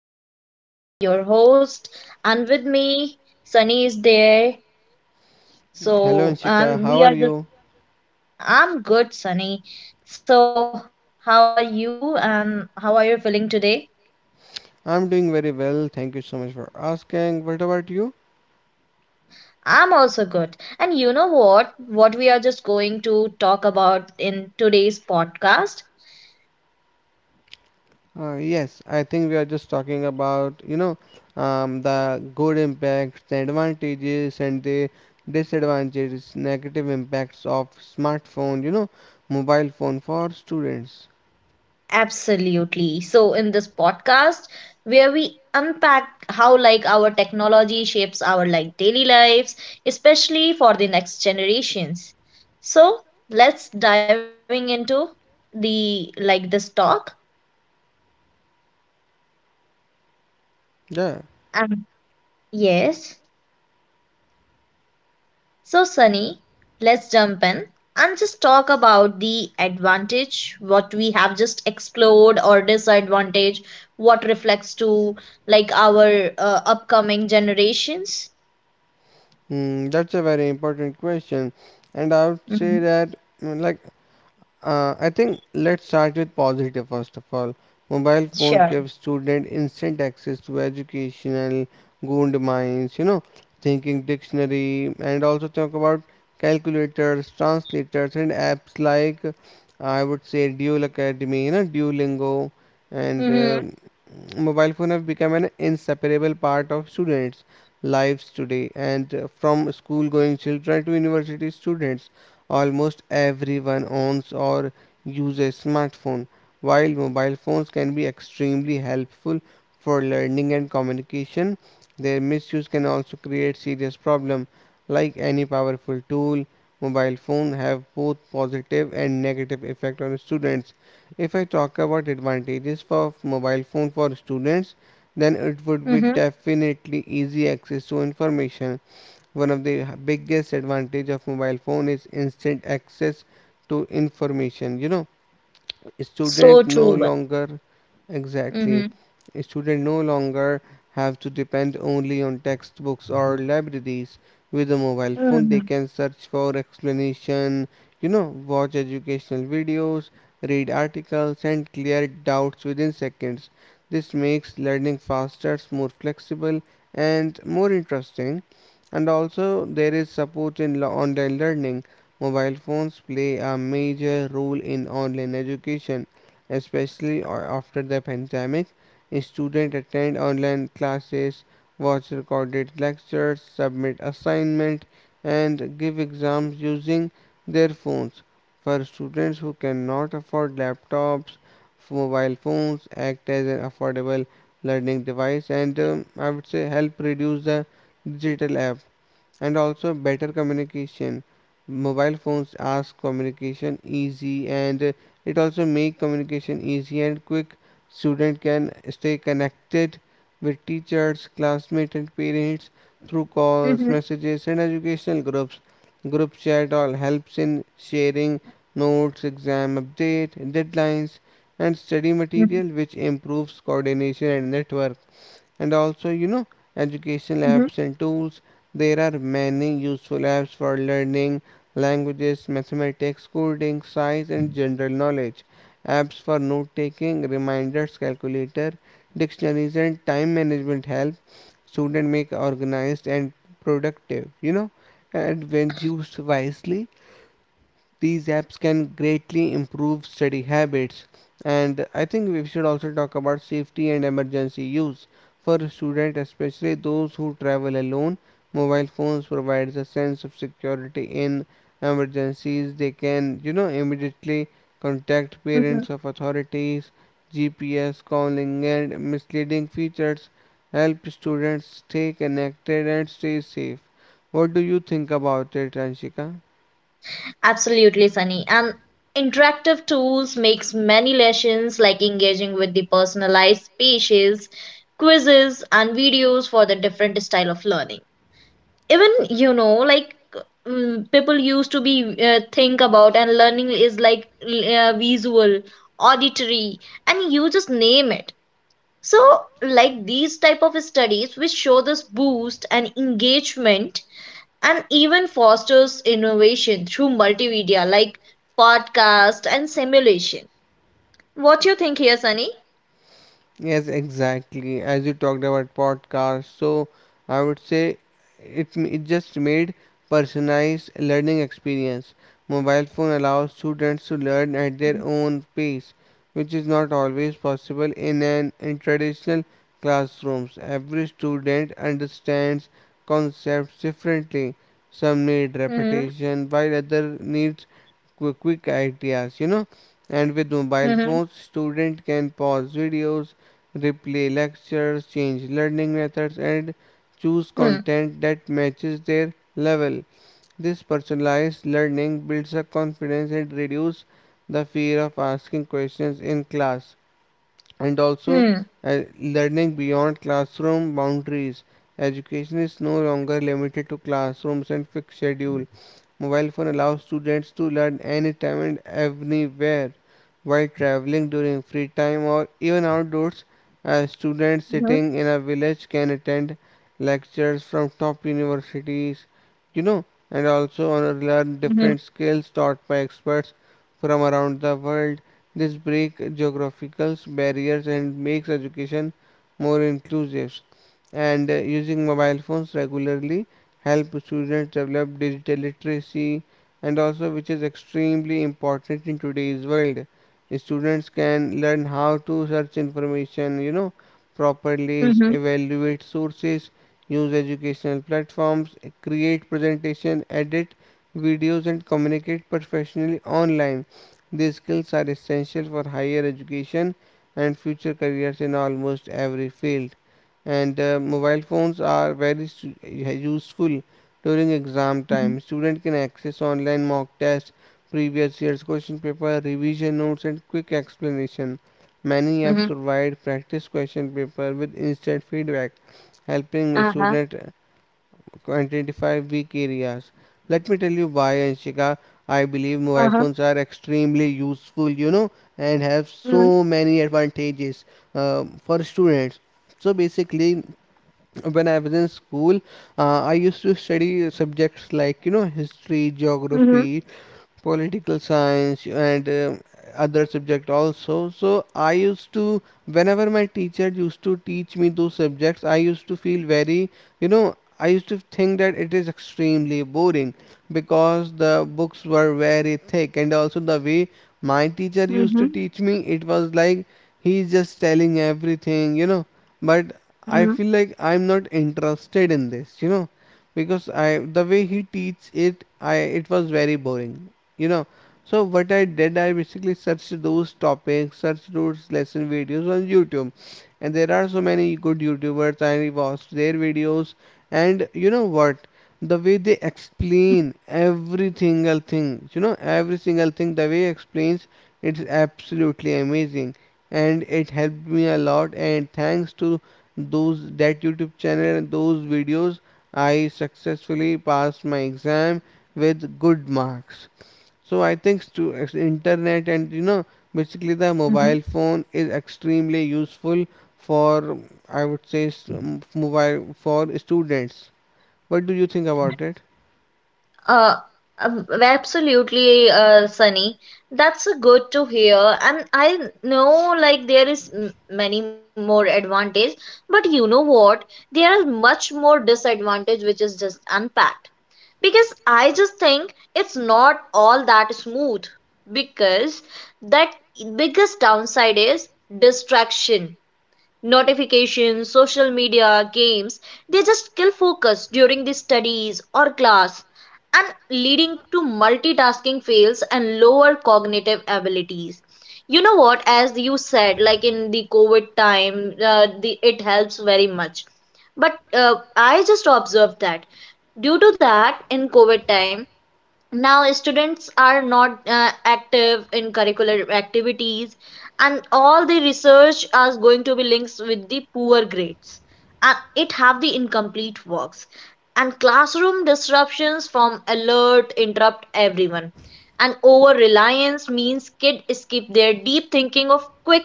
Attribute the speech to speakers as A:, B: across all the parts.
A: I am Shika, your host. And with me, Sunny is there.
B: Hello,
A: So
B: Anshika. How
A: we
B: are
A: are just.
B: you?
A: I'm good, Sunny. So how are you? And how are you feeling today?
B: I'm doing very well. Thank you so much for asking. What about you?
A: I'm also good. And you know what? What we are just going to talk about in today's podcast?
B: Yes, I think we are just talking about, you know, the good impacts, the advantages, and the disadvantages, negative impacts of smartphone, you know, mobile phone for students.
A: Absolutely. So in this podcast, where we unpack how like our technology shapes our like daily lives, especially for the next generations. So let's diving into the like this talk.
B: Yeah,
A: Um, yes. So, Sunny, let's jump in and just talk about the advantage what we have just explored or disadvantage what reflects to like our upcoming generations.
B: that's a very important question, and I would say
A: Mhm.
B: that, mm, like, I think let's start with positive first of all. Mobile phones
A: Sure.
B: give students instant access to educational gold mines, you know, thinking dictionary, and also talk about calculators, translators, and apps like I would say Dual Academy, you know, Duolingo, and
A: Mhm.
B: um mobile phone have become an inseparable part of students' lives today, and from school-going children to university students. Almost everyone owns or uses a smartphone. While mobile phones can be extremely helpful for learning and communication, their misuse can also create serious problems. Like any powerful tool, mobile phones have both positive and negative effect on students. If I talk about advantages for mobile phone for students, then it would be
A: Mhm.
B: definitely easy access to information. One of the biggest advantage of mobile phone is instant access to information. You know,
A: So
B: students no
A: true.
B: longer
A: Mhm.
B: exactly students no longer have to depend only on textbooks or libraries. With a mobile phone they
A: Mhm.
B: can search for explanation, you know, watch educational videos, read articles and clear doubts within seconds. This makes learning faster, more flexible and more interesting. And also there is support in online learning. Mobile phones play a major role in online education, especially after the pandemic. Students attend online classes, watch recorded lectures, submit assignments, and give exams using their phones. For students who cannot afford laptops, mobile phones act as an affordable learning device and I would say help reduce the digital. And also better communication, mobile phones ask communication easy and it also make communication easy and quick. Student can stay connected with teachers, classmates and parents through calls,
A: Mhm.
B: messages and educational groups. Group chat all helps in sharing notes, exam update, deadlines and study
A: Mhm.
B: material, which improves coordination and network. And also, you know, educational
A: Mhm.
B: apps and tools, there are many useful apps for learning languages, mathematics, coding, science and general knowledge. Apps for note taking, reminders, calculator, dictionaries and time management help students make organized and productive, you know. And when used wisely, these apps can greatly improve study habits. And I think we should also talk about safety and emergency use. For students, especially those who travel alone, mobile phones provides a sense of security in emergencies. They can, you know, immediately contact
A: Mhm.
B: parents of authorities, GPS calling and misleading features help students stay connected and stay safe. What do you think about it, Anshika?
A: Absolutely, Sunny. And interactive tools makes many lessons like engaging with the personalized speeches, quizzes, and videos for the different style of learning. Even you know, like people used to be think about and learning is like visual, auditory, and you just name it. So like these type of studies which show this boost and engagement and even fosters innovation through multimedia like podcast and simulation. What do you think here, Sunny?
B: Yes, exactly. As you talked about podcast, so I would say it just made personalized learning experience. Mobile phone allows students to learn at their own pace, which is not always possible in an in traditional classrooms. Every student understands concepts differently. Some need
A: Hmm.
B: repetition, while other needs quick ideas, you know. And with mobile
A: Hmm.
B: phones, student can pause videos, replay lectures, change learning methods, and choose
A: Hmm.
B: content that matches their level. This personalized learning builds a confidence and reduces the fear of asking questions in class. And also
A: Hmm.
B: learning beyond classroom boundaries. Education is no longer limited to classrooms and fixed schedule. Mobile phone allows students to learn anytime and anywhere, while traveling, during free time or even outdoors. Students
A: Hmm.
B: sitting in a village can attend lectures from top universities, you know, and also learn different skills taught by experts from around the world. This breaks geographical barriers and makes education more inclusive. And using mobile phones regularly help students develop digital literacy and also, which is extremely important in today's world. Students can learn how to search information, you know, properly
A: Hmm.
B: evaluate sources, use educational platforms, create presentation, edit videos and communicate professionally online. These skills are essential for higher education and future careers in almost every field. And mobile phones are very useful during exam
A: Hmm.
B: time. Student can access online mock tests, previous year's question paper, revision notes, and quick explanation. Many apps
A: Hmm.
B: provide practice question paper with instant feedback, helping
A: Uh-huh.
B: students identify weak areas. Let me tell you why, Anshika. I believe mobile
A: Uh-huh.
B: phones are extremely useful, you know, and have so
A: Hmm.
B: many advantages for students. So basically, when I was in school, I used to study subjects like, you know, history,
A: Hmm.
B: geography, political science and other subject also. So I used to, whenever my teacher used to teach me those subjects, I used to feel very, you know, I used to think that it is extremely boring because the books were very thick and also the way my teacher used to
A: Hmm.
B: teach me, it was like he's just telling everything, you know, but I
A: Hmm.
B: feel like I'm not interested in this, you know, because I the way he teach it, I it was very boring, you know. So what I did, I basically searched those topics, searched those lesson videos on YouTube, and there are so many good YouTubers. I watched their videos, and you know what, the way they explain every single thing, you know, every single thing, the way it explains, it's absolutely amazing, and it helped me a lot. And thanks to those that YouTube channel and those videos, I successfully passed my exam with good marks. So I think internet and, you know, basically the
A: Hmm.
B: mobile phone is extremely useful for, I would say mobile for students. What do you think about it?
A: Uh, Absolutely, Sunny. That's good to hear. And I know like there is many more advantage, but you know what? There are much more disadvantage which is just unpacked. Because I just think it's not all that smooth. Because that biggest downside is distraction, notifications, social media, games, they just kill focus during the studies or class and leading to multitasking fails and lower cognitive abilities. You know what, as you said, like in the COVID time, the, it helps very much. But I just observed that due to that in COVID time, now students are not active in curricular activities and all the research is going to be linked with the poor grades, and it have the incomplete works and classroom disruptions from alert interrupt everyone, and over reliance means kid skip their deep thinking of quick,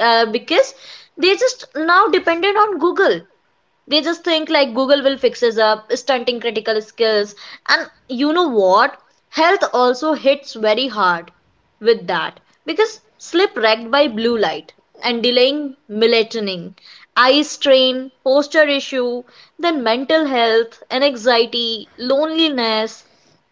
A: because they just now dependent on Google. They just think like Google will fix us up, stunting critical skills. And you know what? Health also hits very hard with that because sleep wrecked by blue light and delaying melatonin, eye strain, posture issue, then mental health and anxiety, loneliness,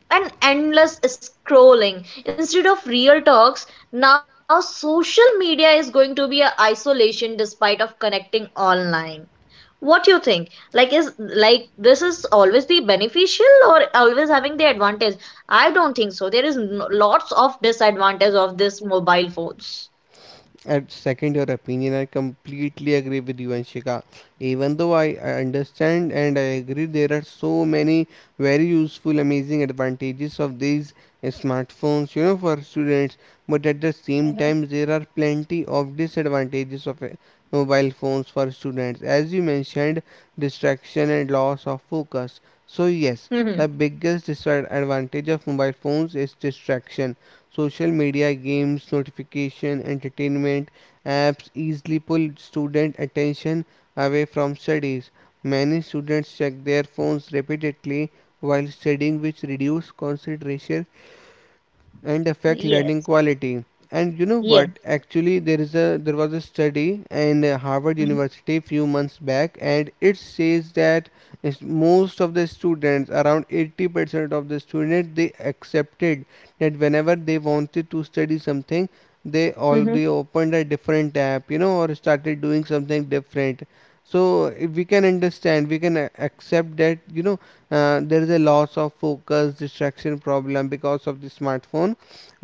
A: and endless scrolling. Instead of real talks, now social media is going to be a isolation despite of connecting online. What do you think, like is like this is always be beneficial or always having the advantage? I don't think so. There is lots of disadvantage of this mobile phones.
B: At second, your opinion, I completely agree with you, Anshika. Even though I understand and I agree, there are so many very useful, amazing advantages of these smartphones, you know, for students. But at the same
A: Mhm.
B: time, there are plenty of disadvantages of mobile phones for students. As you mentioned, distraction and loss of focus. So yes,
A: Mm-hmm.
B: the biggest disadvantage of mobile phones is distraction. Social media, games, notification, entertainment apps easily pull student attention away from studies. Many students check their phones repeatedly while studying, which reduce concentration and affect learning
A: Yes.
B: quality. And you know what,
A: Yes.
B: actually, there was a study in Harvard
A: Mm-hmm.
B: University few months back, and it says that is most of the students, around 80% of the students, they accepted that whenever they wanted to study something, they
A: Mm-hmm.
B: already opened a different app, you know, or started doing something different. So if we can understand, we can accept that, you know, there is a loss of focus, distraction problem because of the smartphone.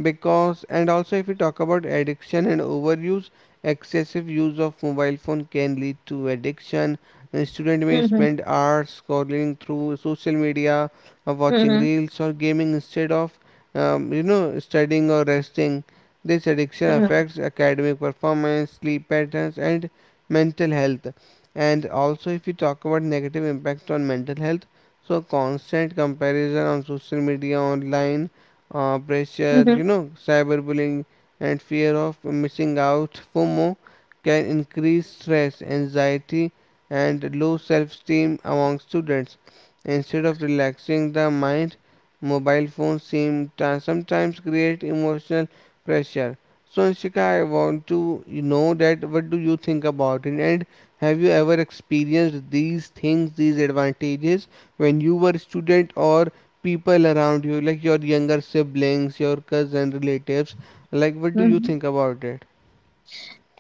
B: Because, and also if we talk about addiction and overuse, excessive use of mobile phone can lead to addiction. A student may
A: Mm-hmm.
B: spend hours scrolling through social media or watching reels or gaming instead of, you know, studying or resting. This addiction
A: Mm-hmm.
B: affects academic performance, sleep patterns and mental health. And also if we talk about negative impact on mental health, so constant comparison on social media, online pressure, you know, cyberbullying, and fear of missing out (FOMO) can increase stress, anxiety, and low self-esteem among students. Instead of relaxing the mind, mobile phones seem to sometimes create emotional pressure. So, Anshika, I want to know that what do you think about it, and have you ever experienced these things, these advantages when you were a student, or people around you, like your younger siblings, your cousin relatives? Like, what do you
A: Mm-hmm.
B: think about it?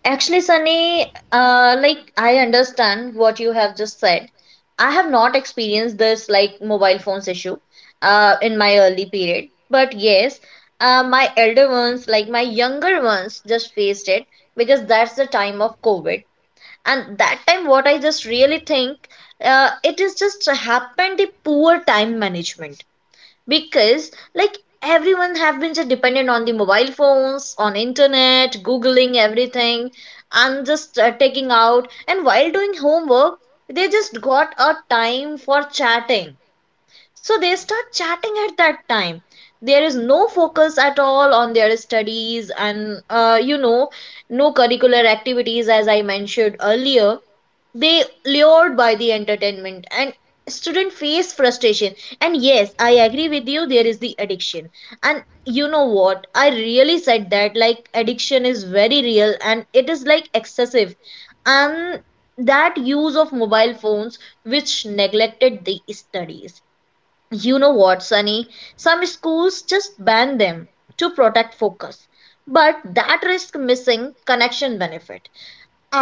A: Actually, Sunny, like I understand what you have just said. I have not experienced this like mobile phones issue in my early period. But yes, my elder ones, like my younger ones, just faced it because that's the time of COVID. And that time, what I just really think, it is just happened the poor time management, because like everyone have been just dependent on the mobile phones, on internet, googling everything, and just taking out. And while doing homework, they just got a time for chatting, so they start chatting at that time. There is no focus at all on their studies, and you know, no curricular activities as I mentioned earlier. They lured by the entertainment and student face frustration. And yes, I agree with you, there is the addiction. And you know what, I really said that like addiction is very real and it is like excessive, and that use of mobile phones which neglected the studies. You know what, Sunny, some schools just ban them to protect focus, but that risk missing connection benefit.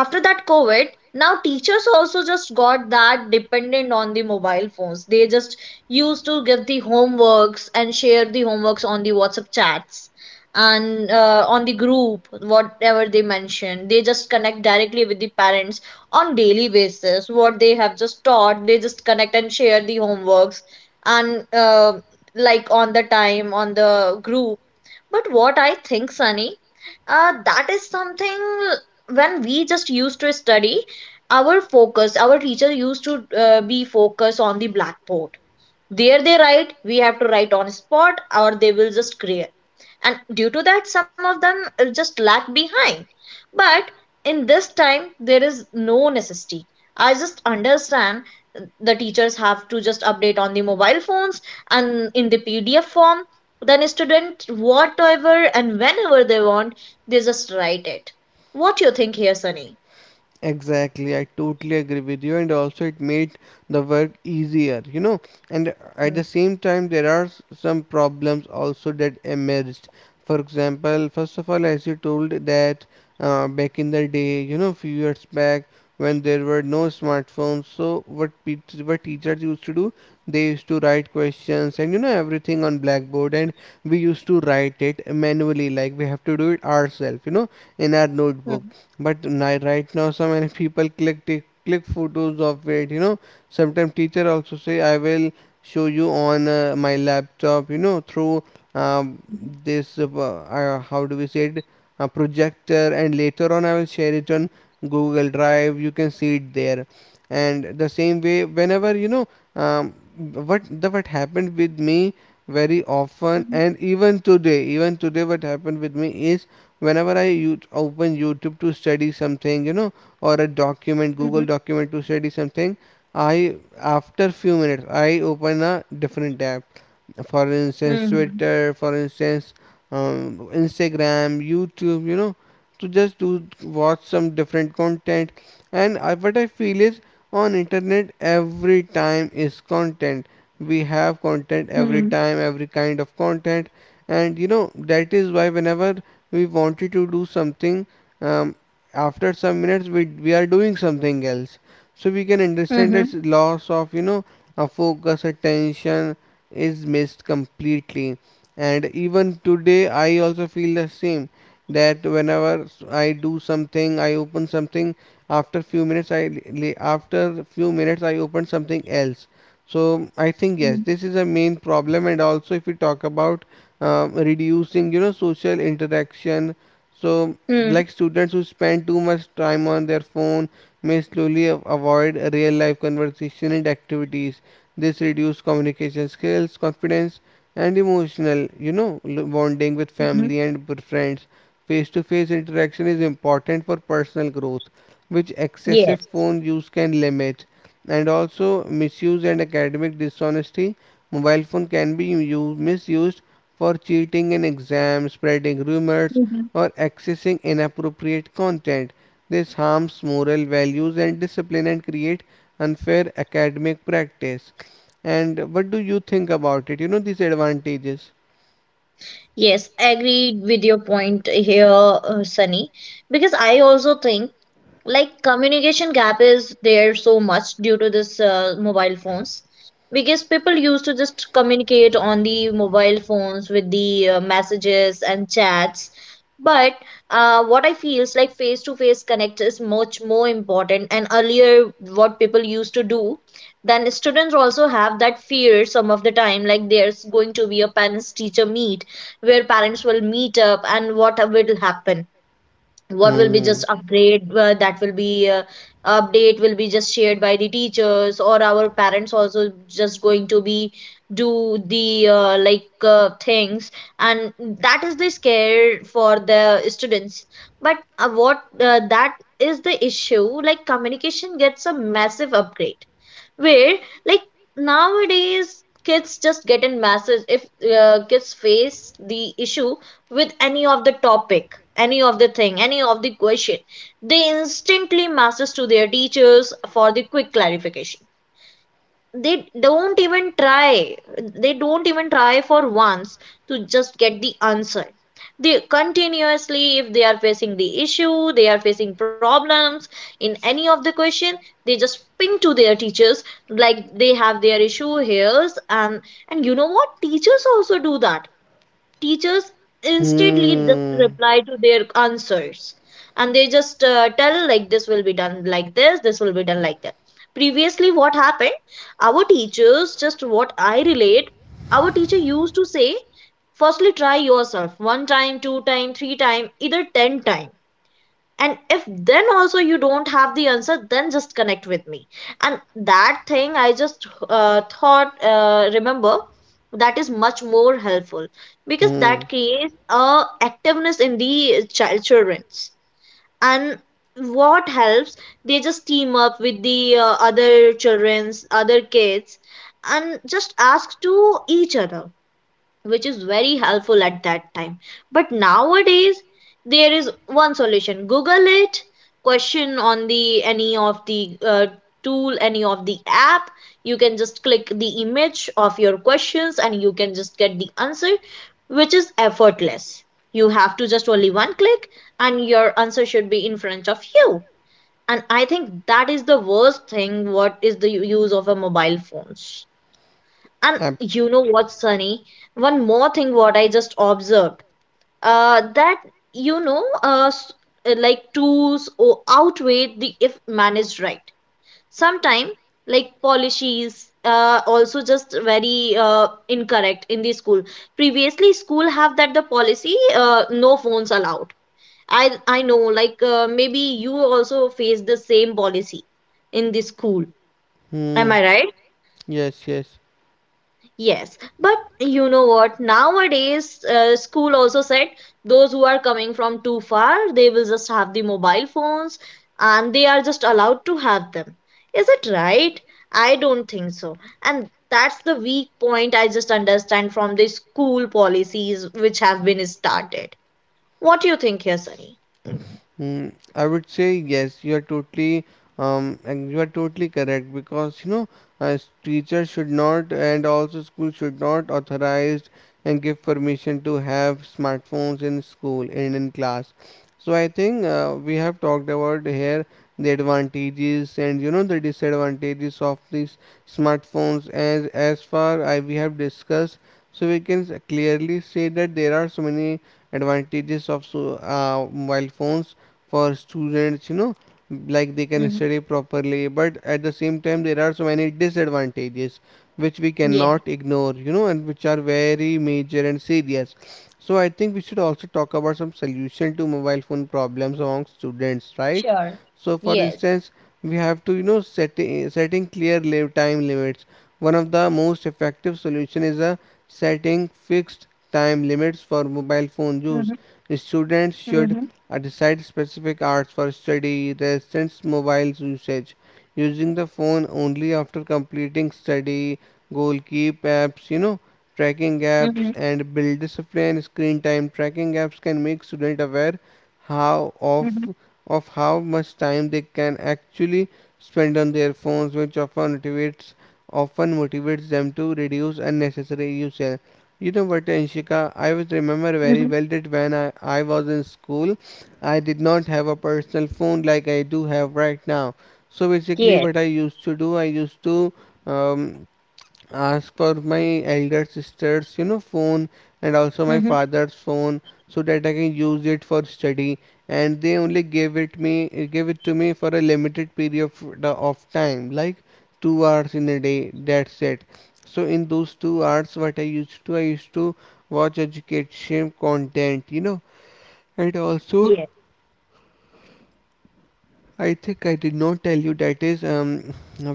A: After that COVID, now teachers also just got that dependent on the mobile phones. They just used to give the homeworks and share the homeworks on the WhatsApp chats, and on the group whatever they mention, they just connect directly with the parents on daily basis. What they have just taught, they just connect and share the homeworks, and like on the time on the group. But what I think, Sunny, that is something, when we just used to study, our focus, our teacher used to be focused on the blackboard. There they write, we have to write on spot, or they will just clear, and due to that some of them just lag behind. But in this time there is no necessity. I just understand the teachers have to just update on the mobile phones and in the PDF form, then student whatever and whenever they want, they just write it. What you think here, Sunny?
B: Exactly, I totally agree with you, and also it made the work easier, you know. And at the same time, there are some problems also that emerged. For example, first of all, as you told that back in the day, you know, few years back, when there were no smartphones, so what teachers used to do, they used to write questions and, you know, everything on blackboard, and we used to write it manually, like we have to do it ourselves, you know, in our
A: Mhm.
B: notebook. But right now, so many people click click photos of it, you know. Sometimes teacher also say I will show you on my laptop, you know, through um, this how do we say it, a projector, and later on I will share it on Google Drive, you can see it there. And the same way, whenever, you know, um, what happened with me very
A: Mhm.
B: often, and even today what happened with me is whenever I you open YouTube to study something, you know, or a document,
A: Mhm.
B: Google document to study something, I, after few minutes, I open a different app. For instance,
A: Mhm.
B: Twitter, for instance, Instagram, YouTube, you know, to just to watch some different content. And what I feel is on internet every time is content. We have content
A: Mhm.
B: every time, every kind of content, and you know that is why whenever we wanted to do something um, After some minutes we are doing something else, so we can understand
A: Mhm.
B: that loss of, you know, a focus attention is missed completely. And even today I also feel the same, that whenever I do something I open something after few minutes I After few minutes I open something else. So I
A: Mhm.
B: think
A: Mhm.
B: yes, this is a main problem. And also if we talk about reducing, you know, social interaction. So
A: Mhm.
B: like students who spend too much time on their phone may slowly avoid real life conversation and activities. This reduces communication skills, confidence, and emotional, you know, bonding with
A: Mhm.
B: family and with friends. Face to face interaction is important for personal growth, which excessive
A: Yes.
B: phone use can limit. And also misuse and academic dishonesty, mobile phone can be misused for cheating in exams, spreading rumors,
A: Mhm.
B: or accessing inappropriate content. This harms moral values and discipline and create unfair academic practice. And what do you think about it? You know these advantages.
A: Yes, agreed with your point here, Sunny, because I also think like communication gap is there so much due to this mobile phones, because people used to just communicate on the mobile phones with the messages and chats. But what I feel is like face to face connect is much more important, and earlier what people used to do, then students also have that fear some of the time, like there's going to be a parents teacher meet where parents will meet up and what will happen, what will be
B: Hmm.
A: just upgrade, that will be, update will be just shared by the teachers, or our parents also just going to be do the like things, and that is the scare for the students. But what, that is the issue, like communication gets a massive upgrade, where like nowadays kids just get in masses. If kids face the issue with any of the topic, any of the thing, any of the question, they instantly masses to their teachers for the quick clarification. They don't even try, they don't even try for once to just get the answer. They continuously, if they are facing the issue, they are facing problems in any of the question, they just ping to their teachers like they have their issue here. And you know what, teachers also do that. Teachers instantly just
B: Hmm.
A: reply to their answers, and they just tell, like this will be done like this will be done like that. Previously what happened, our teachers just what I relate, our teacher used to say, firstly try yourself one time, two time, three time, either ten time, and if then also you don't have the answer, then just connect with me. And that thing I just thought, remember, that is much more helpful, because
B: Hmm.
A: that creates a activeness in the child, children's. And what helps, they just team up with the other children's, other kids, and just ask to each other, which is very helpful at that time. But nowadays, there is one solution: Google it. Question on the any of the tool, any of the app, you can just click the image of your questions and you can just get the answer, which is effortless. You have to just only one click, and your answer should be in front of you. And I think that is the worst thing, what is the use of a mobile phones. And
B: Ab-
A: you know what, Sunny? One more thing what I just observed. That you know like tools or outweigh the if managed right. Sometimes, like policies also just very incorrect in the school. Previously school have that the policy, no phones allowed. I know like maybe you also face the same policy in the school. Am
B: hmm.
A: I right?
B: Yes. Yes.
A: Yes, but you know what? Nowadays, school also said those who are coming from too far, they will just have the mobile phones and they are just allowed to have them. Is it right? I don't think so. And that's the weak point I just understand from the school policies which have been started. What do you think here, Sunny?
B: Mm, I would say yes. You are totally correct because, you know, uh, teachers should not and also school should not authorize and give permission to have smartphones in school and in class. So I think we have talked about here the advantages and, you know, the disadvantages of these smartphones, as far I we have discussed. So we can clearly say that there are so many advantages of so, mobile phones for students, you know, like they can
A: Hmm.
B: study properly, but at the same time there are so many disadvantages which we
A: Yeah,
B: cannot ignore, you know, and which are very major and serious. So I think we should also talk about some solution to mobile phone problems among students, right?
A: sure.
B: So for
A: Yes.
B: instance, we have to, you know, setting time limits. One of the most effective solution is a setting fixed time limits for mobile phone use.
A: Mm-hmm.
B: Students should
A: Mm-hmm.
B: decide specific hours for study, rest, mobile usage. Using the phone only after completing study, goal keep apps, you know, tracking apps,
A: Mm-hmm.
B: and build discipline. Screen time tracking apps can make students aware how
A: Mm-hmm.
B: of how much time they can actually spend on their phones, which often motivates them to reduce unnecessary usage. You know what, Anshika, I was remember very well that when I was in school, I did not have a personal phone like I do have right now. So basically,
A: Yes.
B: what I used to do, I used to um, ask for my elder sister's, you know, phone and also my
A: Mm-hmm.
B: father's phone so that I can use it for study. And they only gave it me, gave it to me for a limited period of time, like 2 hours in a day. That's it. So in those 2 hours, what I used to watch education content, you know, and also
A: Yes.
B: I think I did not tell you that is.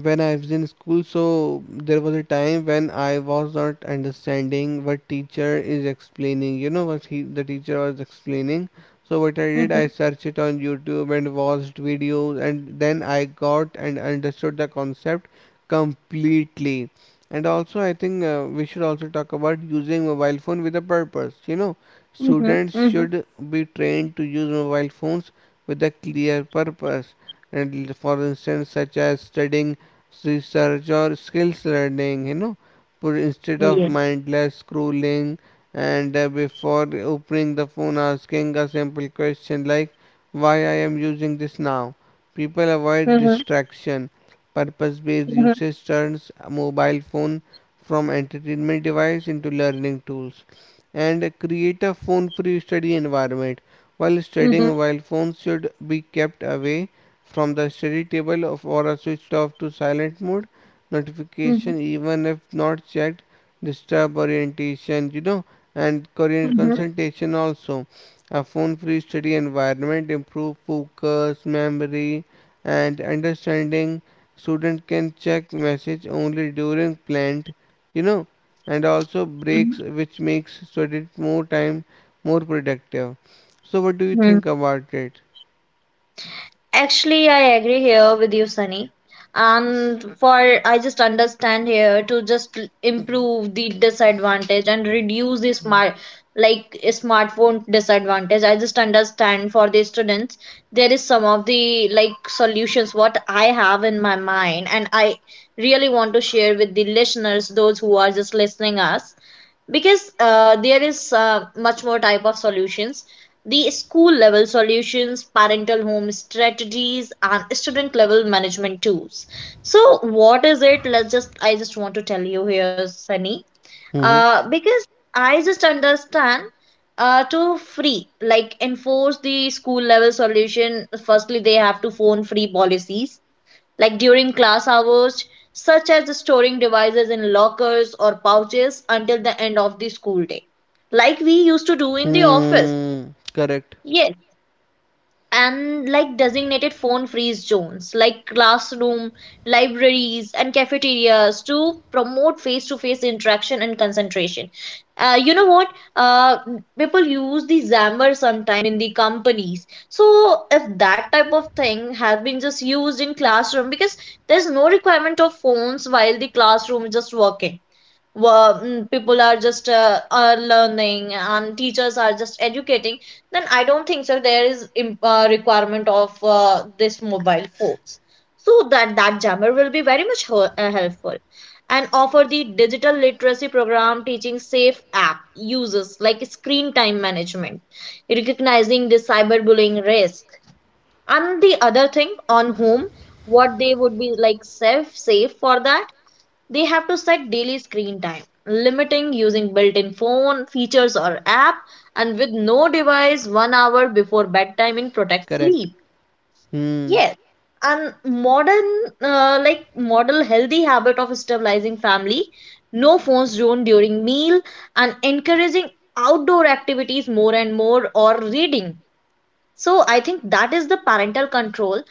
B: When I was in school, so there was a time when I was not understanding what teacher is explaining. You know what he the teacher was explaining. So what I did, I
A: Mm-hmm.
B: searched it on YouTube and watched videos, and then I got and understood the concept completely. And also, I think we should also talk about using mobile phone with a purpose. You know,
A: Mm-hmm.
B: students should be trained to use mobile phones with a clear purpose and, for instance, such as studying, research, or skills learning, you know, put instead of
A: Yeah.
B: mindless scrolling. And before opening the phone, asking a simple question like why I am using this now, people avoid
A: Mhm.
B: distraction. Purpose based
A: Mhm.
B: usage turns a mobile phone from entertainment device into learning tools. And create a phone free study environment. While studying,
A: Mhm.
B: mobile phones should be kept away from the study table or are switched off to silent mode.
A: Mhm.
B: Notification, even if not checked, disturb orientation, you know, and career
A: Mhm.
B: concentration also. A phone-free study environment improve focus, memory, and understanding. Student can check message only during planned, you know, and also breaks,
A: Mhm.
B: which makes student more time more productive. So, what do you
A: Mhm.
B: think about it?
A: Actually, I agree here with you, Sunny. And for I just understand here to just improve the disadvantage and reduce the smart, like a smartphone disadvantage. I just understand for the students there is some of the like solutions what I have in my mind, and I really want to share with the listeners, those who are just listening us, because there is much more type of solutions: the school level solutions, parental home strategies, and student level management tools. So what is it, let's just, I just want to tell you here, Sunny,
B: Mm-hmm.
A: because I just understand to free, like enforce the school level solution, firstly they have to phone free policies like during class hours, such as storing devices in lockers or pouches until the end of the school day, like we used to do in the office.
B: Hmm. Correct.
A: Yes. And like designated phone free zones like classroom, libraries, and cafeterias to promote face to face interaction and concentration. You know what, uh, people use the xammer sometime in the companies, so if that type of thing has been just used in classroom, because there's no requirement of phones while the classroom is just working well, people are just are learning and teachers are just educating, then I don't think so there is requirement of this mobile phones. So that that jammer will be very much helpful. And offer the digital literacy program, teaching safe app uses like screen time management, recognizing the cyberbullying risk. And the other thing on whom what they would be like safe, safe for that, they have to set daily screen time, limiting using built-in phone features or app, and with no device 1 hour before bedtime in protect
B: Correct.
A: sleep.
B: Hmm.
A: Yes. And modern, like model healthy habit of stabilizing family, no phones zone during meal, and encouraging outdoor activities more and more, or reading. So I think that is the parental control,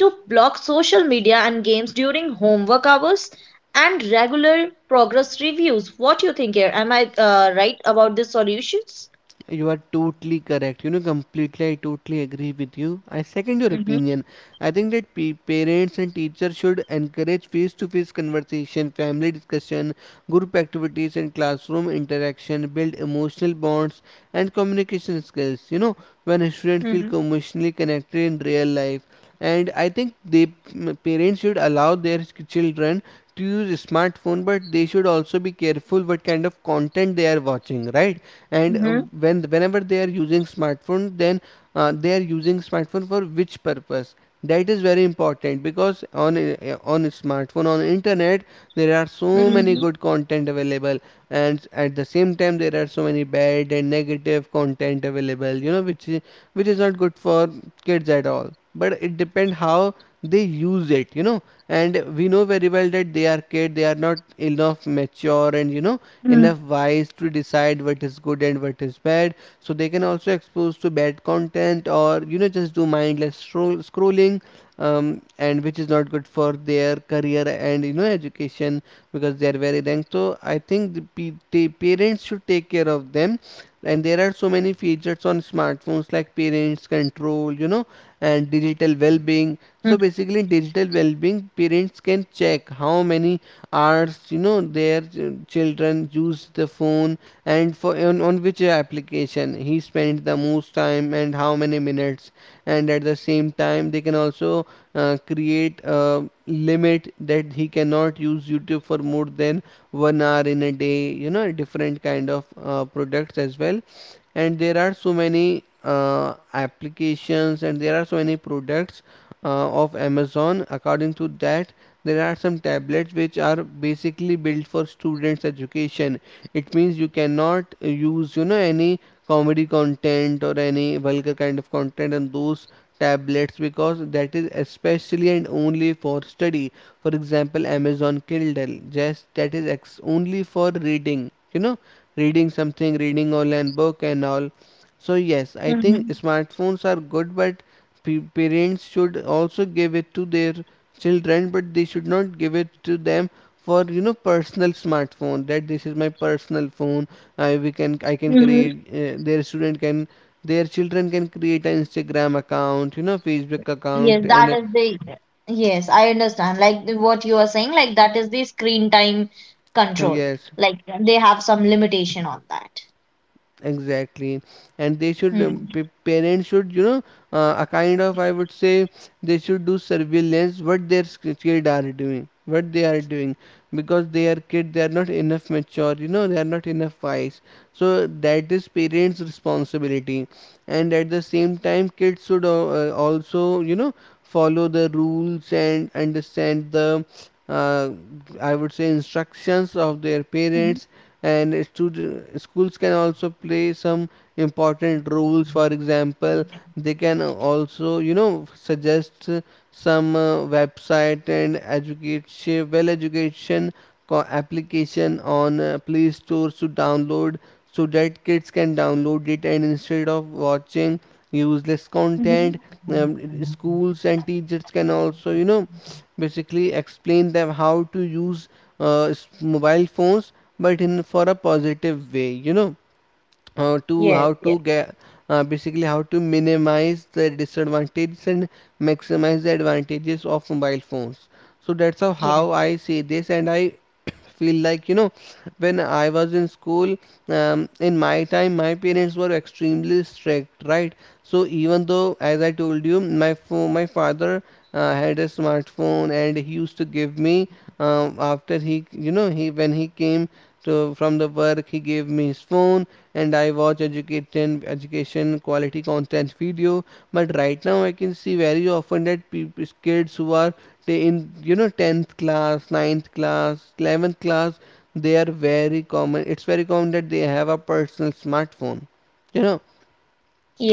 A: to block social media and games during homework hours and regular progress reviews. What do you think here? Am I right about the solutions?
B: You are totally correct. You know, completely, I totally agree with you. I second your
A: Mm-hmm.
B: opinion. I think that pe parents and teachers should encourage face-to-face conversation, family discussion, group activities, and classroom interaction, build emotional bonds and communication skills. You know, when a student feel
A: Mm-hmm.
B: emotionally connected in real life. And I think parents should allow their children to use a smartphone, but they should also be careful what kind of content they are watching, right? And
A: Mm-hmm.
B: whenever they are using smartphone, then they are using smartphone for which purpose, that is very important, because on a smartphone, on internet, there are so many
A: Mm-hmm.
B: good content available, and at the same time there are so many bad and negative content available, you know, which is not good for kids at all. But it depends how they use it, you know. And we know very well that they are kid, they are not enough mature, and you know, enough wise to decide what is good and what is bad. So they can also expose to bad content or, you know, just do scrolling, and which is not good for their career and, you know, education, because they are very young. So I think the parents should take care of them. And there are so many features on smartphones like parents control, you know, and digital well-being. So basically digital well-being, parents can check how many hours, you know, their children use the phone, and for on which application he spent the most time and how many minutes. And at the same time they can also create a limit that he cannot use youtube for more than 1 hour in a day, you know, different kind of, products as well. And there are so many, applications, and there are so many products, of amazon. According to that, there are some tablets which are basically built for students education. It means you cannot use, you know, any comedy content or any vulgar kind of content on those tablets, because that is especially and only for study. For example, amazon kindle, just that only for reading, you know, reading something, reading online book and all. So yes, I think
A: Mm-hmm.
B: smartphones are good, but parents should also give it to their children, but they should not give it to them for, you know, personal smartphone that this is my personal phone. I can
A: Mm-hmm.
B: create, their student can their children can create an instagram account, you know, facebook
A: Yes,
B: account,
A: that
B: and,
A: is the. Yes, I understand, like the- what you are saying, like that is the screen time control.
B: yes.
A: Like they have some limitation on that.
B: Exactly, and they should
A: Mm-hmm.
B: parents should, you know, a kind of, I would say, they should do surveillance what their kid are doing, what they are doing, because they are kid, they are not enough mature, you know, they are not enough wise. So that is parents responsibility. And at the same time kids should also, you know, follow the rules and understand the, uh, I would say instructions of their
A: Mm-hmm.
B: parents. And schools can also play some important roles. For example, they can also, you know, suggest, some, website and education, well, education application on, play stores to download, so that kids can download it and instead of watching useless content.
A: Mm-hmm.
B: Schools and teachers can also, you know, basically explain them how to use, mobile phones, but in for a positive way, you know, to
A: Yes,
B: how
A: yes,
B: to get, basically how to minimize the disadvantages and maximize the advantages of mobile phones. So that's how
A: yes.
B: I see this, and I feel like, you know, when I was in school, in my time my parents were extremely strict, right? So even though, as I told you, my father, had a smartphone, and he used to give me, after he you know he when he came to from the work, he gave me his phone, and I watch education education quality content video. But right now I can see very often that people, kids who are they in, you know, 10th class, ninth class, 11th class, they are very common. It's very common that they have a personal smartphone. You know,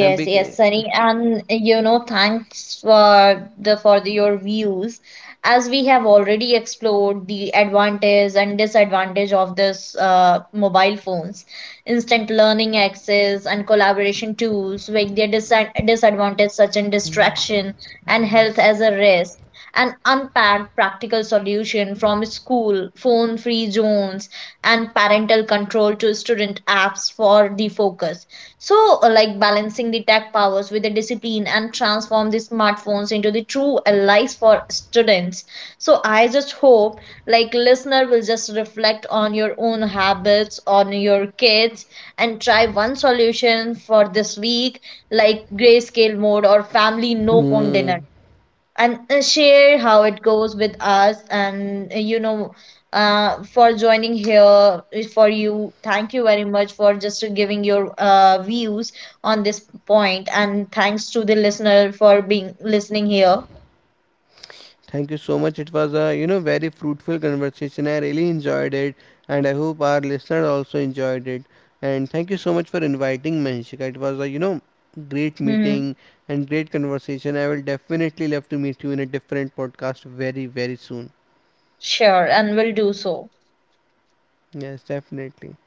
B: and big.
A: yes, Sunny, and you know, thanks for your views. As we have already explored the advantage and disadvantage of this mobile phones, instant learning access and collaboration tools, with their disadvantage such as distraction and health as a risk, and unpacked practical solution from school, phone-free zones, and parental control to student apps for the focus. So, like balancing the tech powers with the discipline and transform the smartphones into the true allies for students. So I just hope like listener will just reflect on your own habits, on your kids, and try one solution for this week, like grayscale mode or family no phone
B: Hmm.
A: dinner, and share how it goes with us. And you know, for joining here, for you, thank you very much for just giving your views on this point, and thanks to the listener for being listening here.
B: Thank you so much. It was a, you know, very fruitful conversation. I really enjoyed it, and I hope our listeners also enjoyed it. And thank you so much for inviting me, Hanshika. It was a, you know, great
A: Hmm.
B: meeting and great conversation. I will definitely love to meet you in a different podcast, very very soon.
A: Sure, and we'll do so.
B: Yes, definitely.